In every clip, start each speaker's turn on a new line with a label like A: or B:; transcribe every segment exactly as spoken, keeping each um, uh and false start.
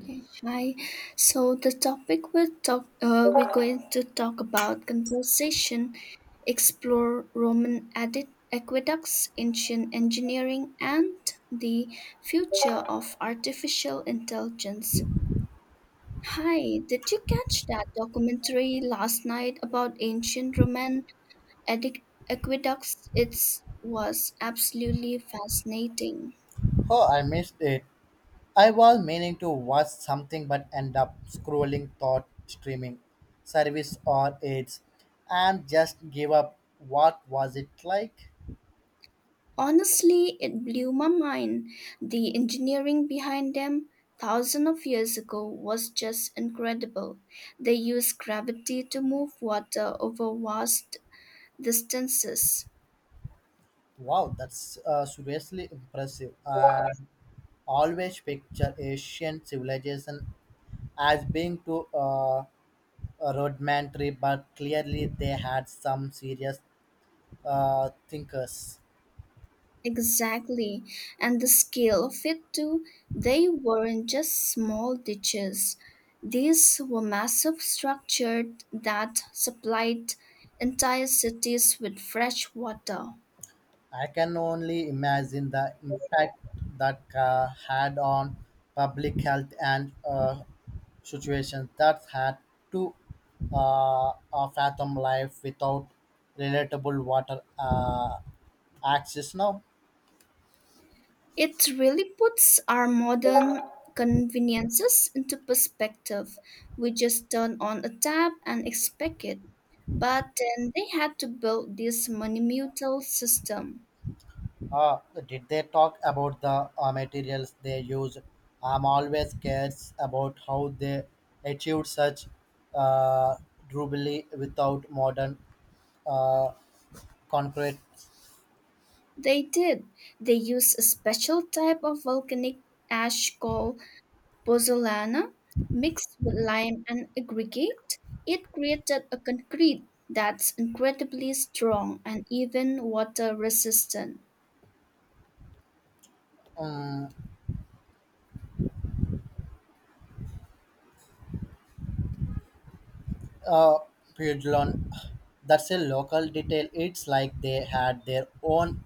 A: Okay, hi. So the topic we'll talk, uh, we're going to talk about conversation, explore Roman edit- aqueducts, ancient engineering, and the future of artificial intelligence. Hi, did you catch that documentary last night about ancient Roman edic- aqueducts? It was absolutely fascinating.
B: Oh, I missed it. I was meaning to watch something but end up scrolling thought streaming service or aids and just gave up. What was it like?
A: Honestly, it blew my mind. The engineering behind them, thousands of years ago, was just incredible. They used gravity to move water over vast distances.
B: Wow, that's uh, seriously impressive. I always picture Asian civilization as being too uh, rudimentary, but clearly they had some serious uh, thinkers.
A: Exactly. And the scale of it, too, they weren't just small ditches. These were massive structures that supplied entire cities with fresh water.
B: I can only imagine the impact that uh, had on public health and uh, situations that had to uh, uh, fathom life without relatable water uh, access now.
A: It really puts our modern conveniences into perspective. We just turn on a tap and expect it. But then they had to build this monumental system.
B: Uh, did they talk about the uh, materials they used? I'm always curious about how they achieved such uh, durability without modern uh, concrete.
A: They did. They used a special type of volcanic ash called pozzolana, mixed with lime and aggregate. It created a concrete that's incredibly strong and even water resistant.
B: um, uh, Pueblon. That's a local detail. It's like they had their own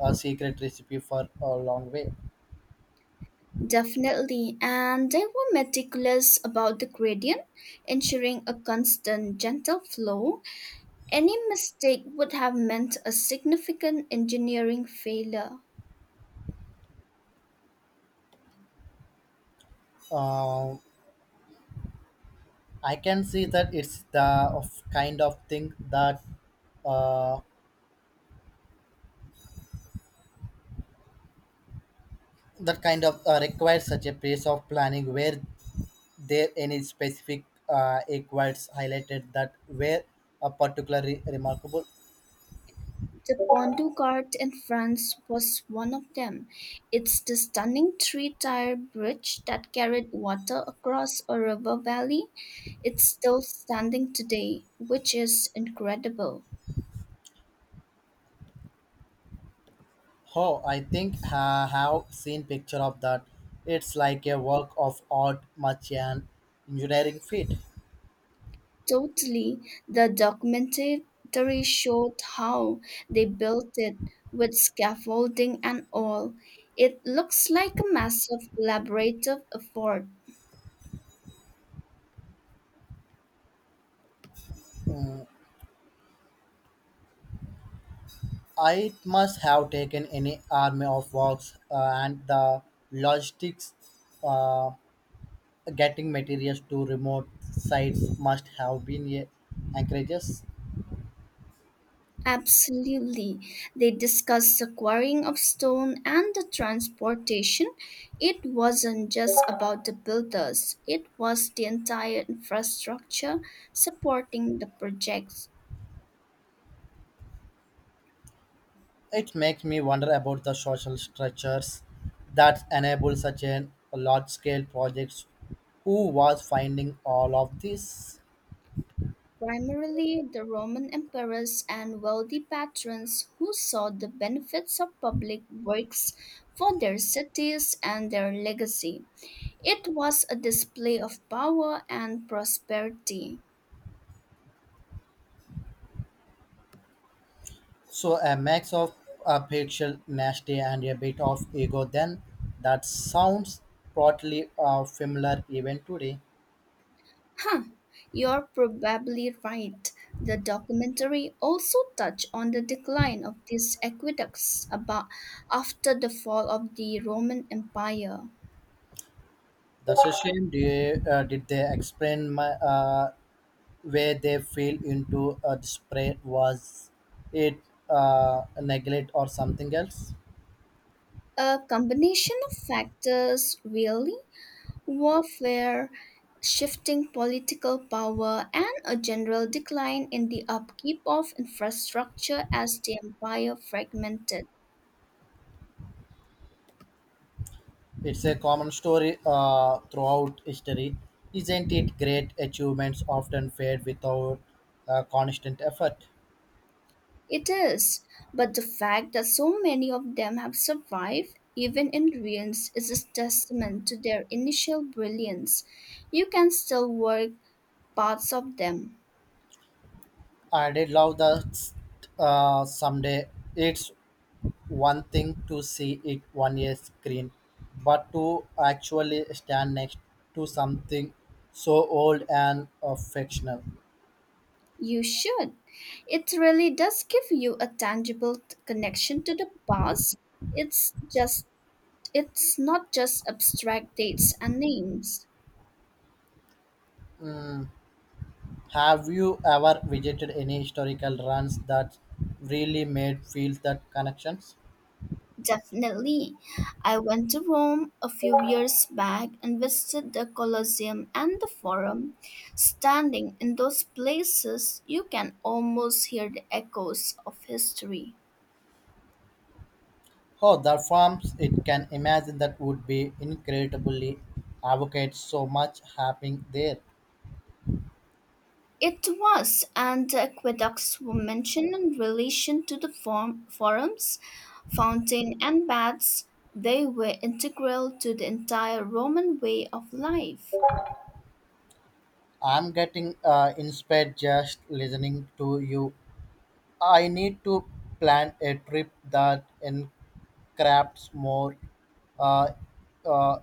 B: uh, secret recipe for a long way.
A: Definitely, and they were meticulous about the gradient, ensuring a constant, gentle flow. Any mistake would have meant a significant engineering failure.
B: Uh, I can see that it's the of kind of thing that uh, that kind of uh, requires such a piece of planning where there any specific uh, requires highlighted that were a particularly remarkable.
A: The Pont du Gard in France was one of them. It's the stunning three tier bridge that carried water across a river valley. It's still standing today, which is incredible.
B: Oh, I think I have seen picture of that. It's like a work of art, much an engineering feat.
A: Totally. The documentary showed how they built it with scaffolding and all. It looks like a massive collaborative effort.
B: Mm, I must have taken any army of works uh, and the logistics uh, getting materials to remote sites must have been a anchorages.
A: Absolutely. They discussed the quarrying of stone and the transportation. It wasn't just about the builders, it was the entire infrastructure supporting the projects.
B: It makes me wonder about the social structures that enable such a large scale projects. Who was finding all of this?
A: Primarily the Roman emperors and wealthy patrons who saw the benefits of public works for their cities and their legacy. It was a display of power and prosperity.
B: So a mix of uh, patriot nasty and a bit of ego. Then that sounds broadly uh, familiar even today.
A: Huh, you're probably right. The documentary also touched on the decline of these aqueducts about after the fall of the Roman Empire.
B: That's a shame. Did, uh, did they explain my, uh, where they fell into a spread? Was it uh, neglect or something else?
A: A combination of factors, really, warfare, shifting political power, and a general decline in the upkeep of infrastructure as the empire fragmented.
B: It's a common story uh, throughout history. Isn't it great achievements often fade without uh, constant effort?
A: It is, but the fact that so many of them have survived, even in ruins, is a testament to their initial brilliance. You can still work parts of them.
B: I did love that uh, someday. It's one thing to see it on a screen, but to actually stand next to something so old and uh, fictional.
A: You should. It really does give you a tangible t- connection to the past. It's just It's not just abstract dates and names.
B: Hmm. Have you ever visited any historical runs that really made feel that connections?
A: Definitely. I went to Rome a few years back and visited the Colosseum and the Forum. Standing in those places, you can almost hear the echoes of history.
B: Oh, the farms! It can imagine that would be incredibly advocate so much happening there.
A: It was, and the aqueducts were mentioned in relation to the form, forums, fountain, and baths. They were integral to the entire Roman way of life.
B: I'm getting uh, inspired just listening to you. I need to plan a trip that encrafts more uh, uh,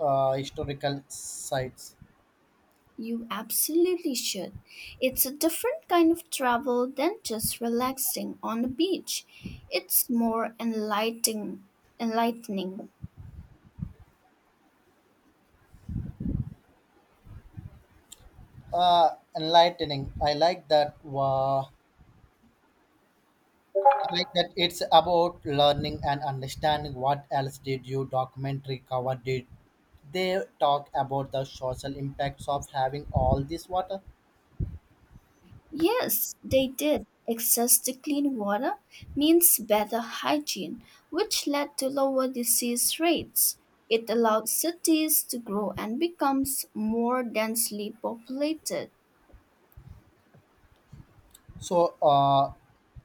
B: uh, historical sites.
A: You absolutely should. It's a different kind of travel than just relaxing on the beach. It's more enlightening. enlightening.
B: Uh, Enlightening. I like that. Uh, I like that it's about learning and understanding. What else did you documentary cover? Did they talk about the social impacts of having all this water?
A: Yes, they did. Access to clean water means better hygiene, which led to lower disease rates. It allowed cities to grow and becomes more densely populated.
B: So uh,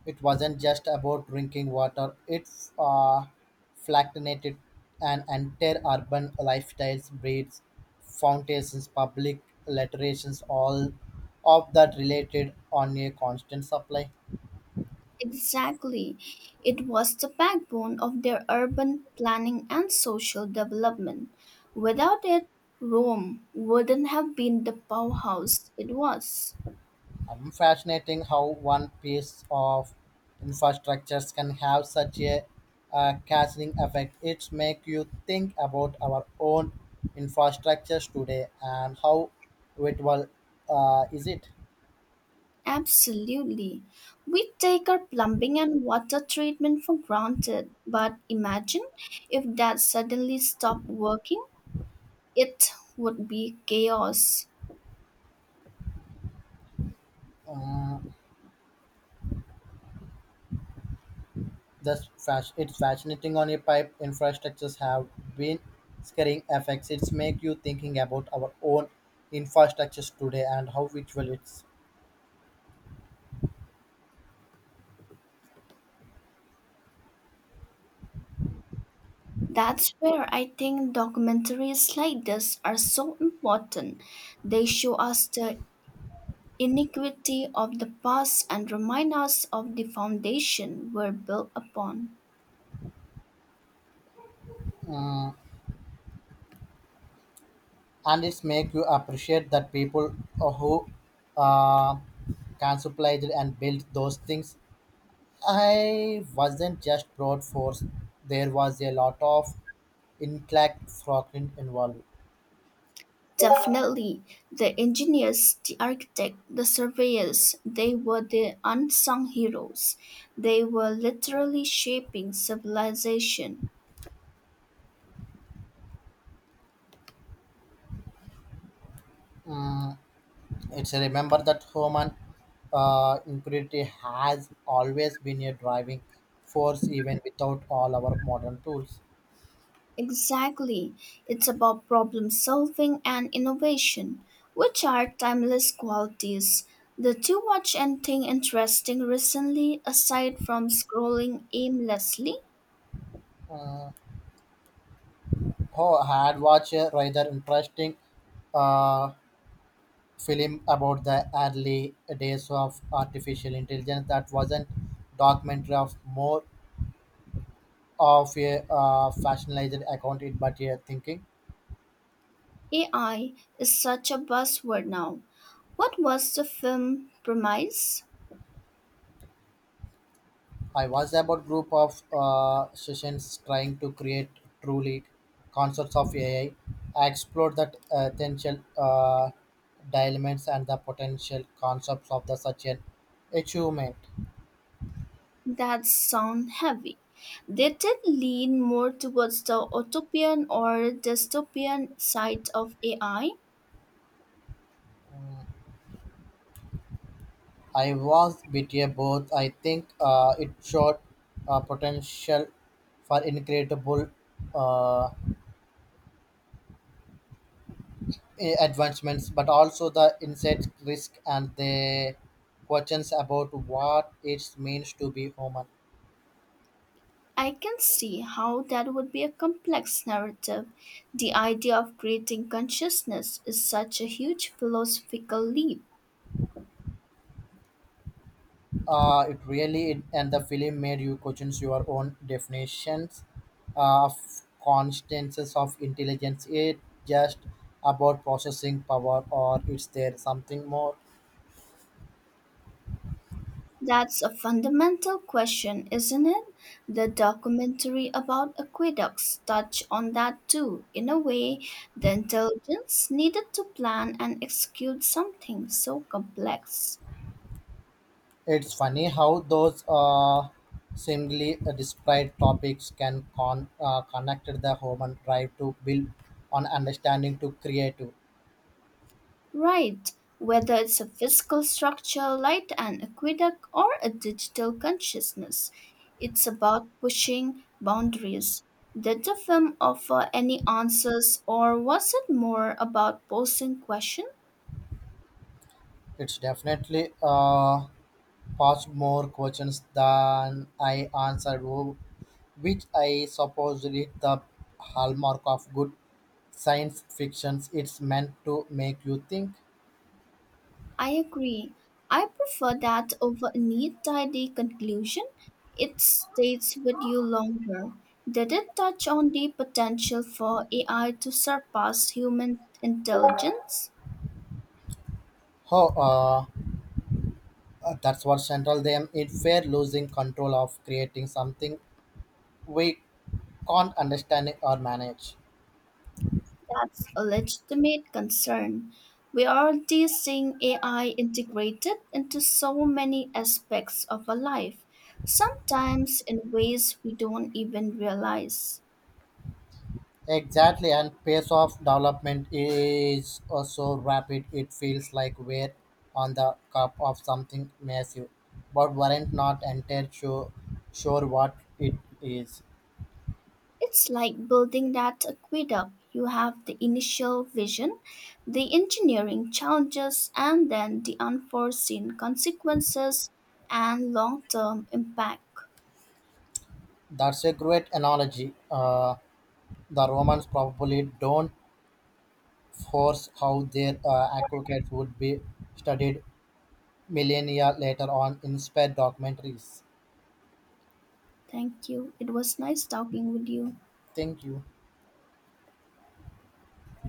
B: it wasn't just about drinking water, it uh, flattenated an entire urban lifestyles, breeds, fountains, public literations, all of that related on a constant supply.
A: Exactly. It was the backbone of their urban planning and social development. Without it, Rome wouldn't have been the powerhouse it was.
B: Um, fascinating how one piece of infrastructures can have such a uh, cascading effect. It makes you think about our own infrastructures today and how it will uh, is it.
A: Absolutely. We take our plumbing and water treatment for granted, but imagine if that suddenly stopped working, it would be chaos.
B: Um, this fas- it's fascinating on a pipe infrastructures have been scaring effects. It's make you thinking about our own infrastructures today and how which will it's.
A: That's where I think documentaries like this are so important. They show us the iniquity of the past and remind us of the foundation we're built upon.
B: um, and it's make you appreciate that people who uh, contemplated and built those things I wasn't just brought force there was a lot of intellect frogin involved.
A: Definitely, the engineers, the architect, the surveyors, they were the unsung heroes. They were literally shaping civilization.
B: Mm, it's a remember that human uh, impurity has always been a driving force even without all our modern tools.
A: Exactly. It's about problem solving and innovation, which are timeless qualities. Did you watch anything interesting recently aside from scrolling aimlessly?
B: uh, oh, I had watched a rather interesting uh, film about the early days of artificial intelligence that wasn't documentary of more of a uh, fictionalized account it but a thinking
A: A I is such a buzzword now. What was the film premise?
B: I was about group of uh, sessions trying to create truly concepts of ai i I explored that uh, potential uh, dilemmas and the potential concepts of the such an achievement.
A: That sound heavy. Did it lean more towards the utopian or dystopian side of AI? I
B: I was bit a both. I think uh, it showed uh, potential for incredible uh, i- advancements, but also the insect risk and the questions about what it means to be human.
A: I can see how that would be a complex narrative. The idea of creating consciousness is such a huge philosophical leap.
B: Uh, it really and the film made you question your own definitions uh, of constances of intelligence. It just about processing power, or is there something more?
A: That's a fundamental question, isn't it? The documentary about aqueducts touch on that too. In a way, the intelligence needed to plan and execute something so complex.
B: It's funny how those uh, seemingly disparate topics can con- uh, connect the human drive to build on understanding to creative.
A: Right. Whether it's a physical structure like an aqueduct or a digital consciousness, it's about pushing boundaries. Did the film offer any answers, or was it more about posing questions?
B: It's definitely uh, posed more questions than I answered, wh- which I suppose is the hallmark of good science fictions. It's meant to make you think.
A: I agree. I prefer that over a neat, tidy conclusion. It stays with you longer. Did it touch on the potential for A I to surpass human intelligence?
B: Oh, uh, uh, that's what central them. It fear losing control of creating something weak can't understand or manage.
A: That's a legitimate concern. We are already seeing A I integrated into so many aspects of our life, sometimes in ways we don't even realize.
B: Exactly, and pace of development is also rapid. It feels like we're on the cup of something massive, but weren't not entirely sure, sure what it is.
A: It's like building that aqueduct. You have the initial vision, the engineering challenges, and then the unforeseen consequences and long term impact.
B: That's a great analogy. Uh, the Romans probably don't force how their uh, aqueducts would be studied millennia later on inspired documentaries.
A: Thank you. It was nice talking with you.
B: Thank you.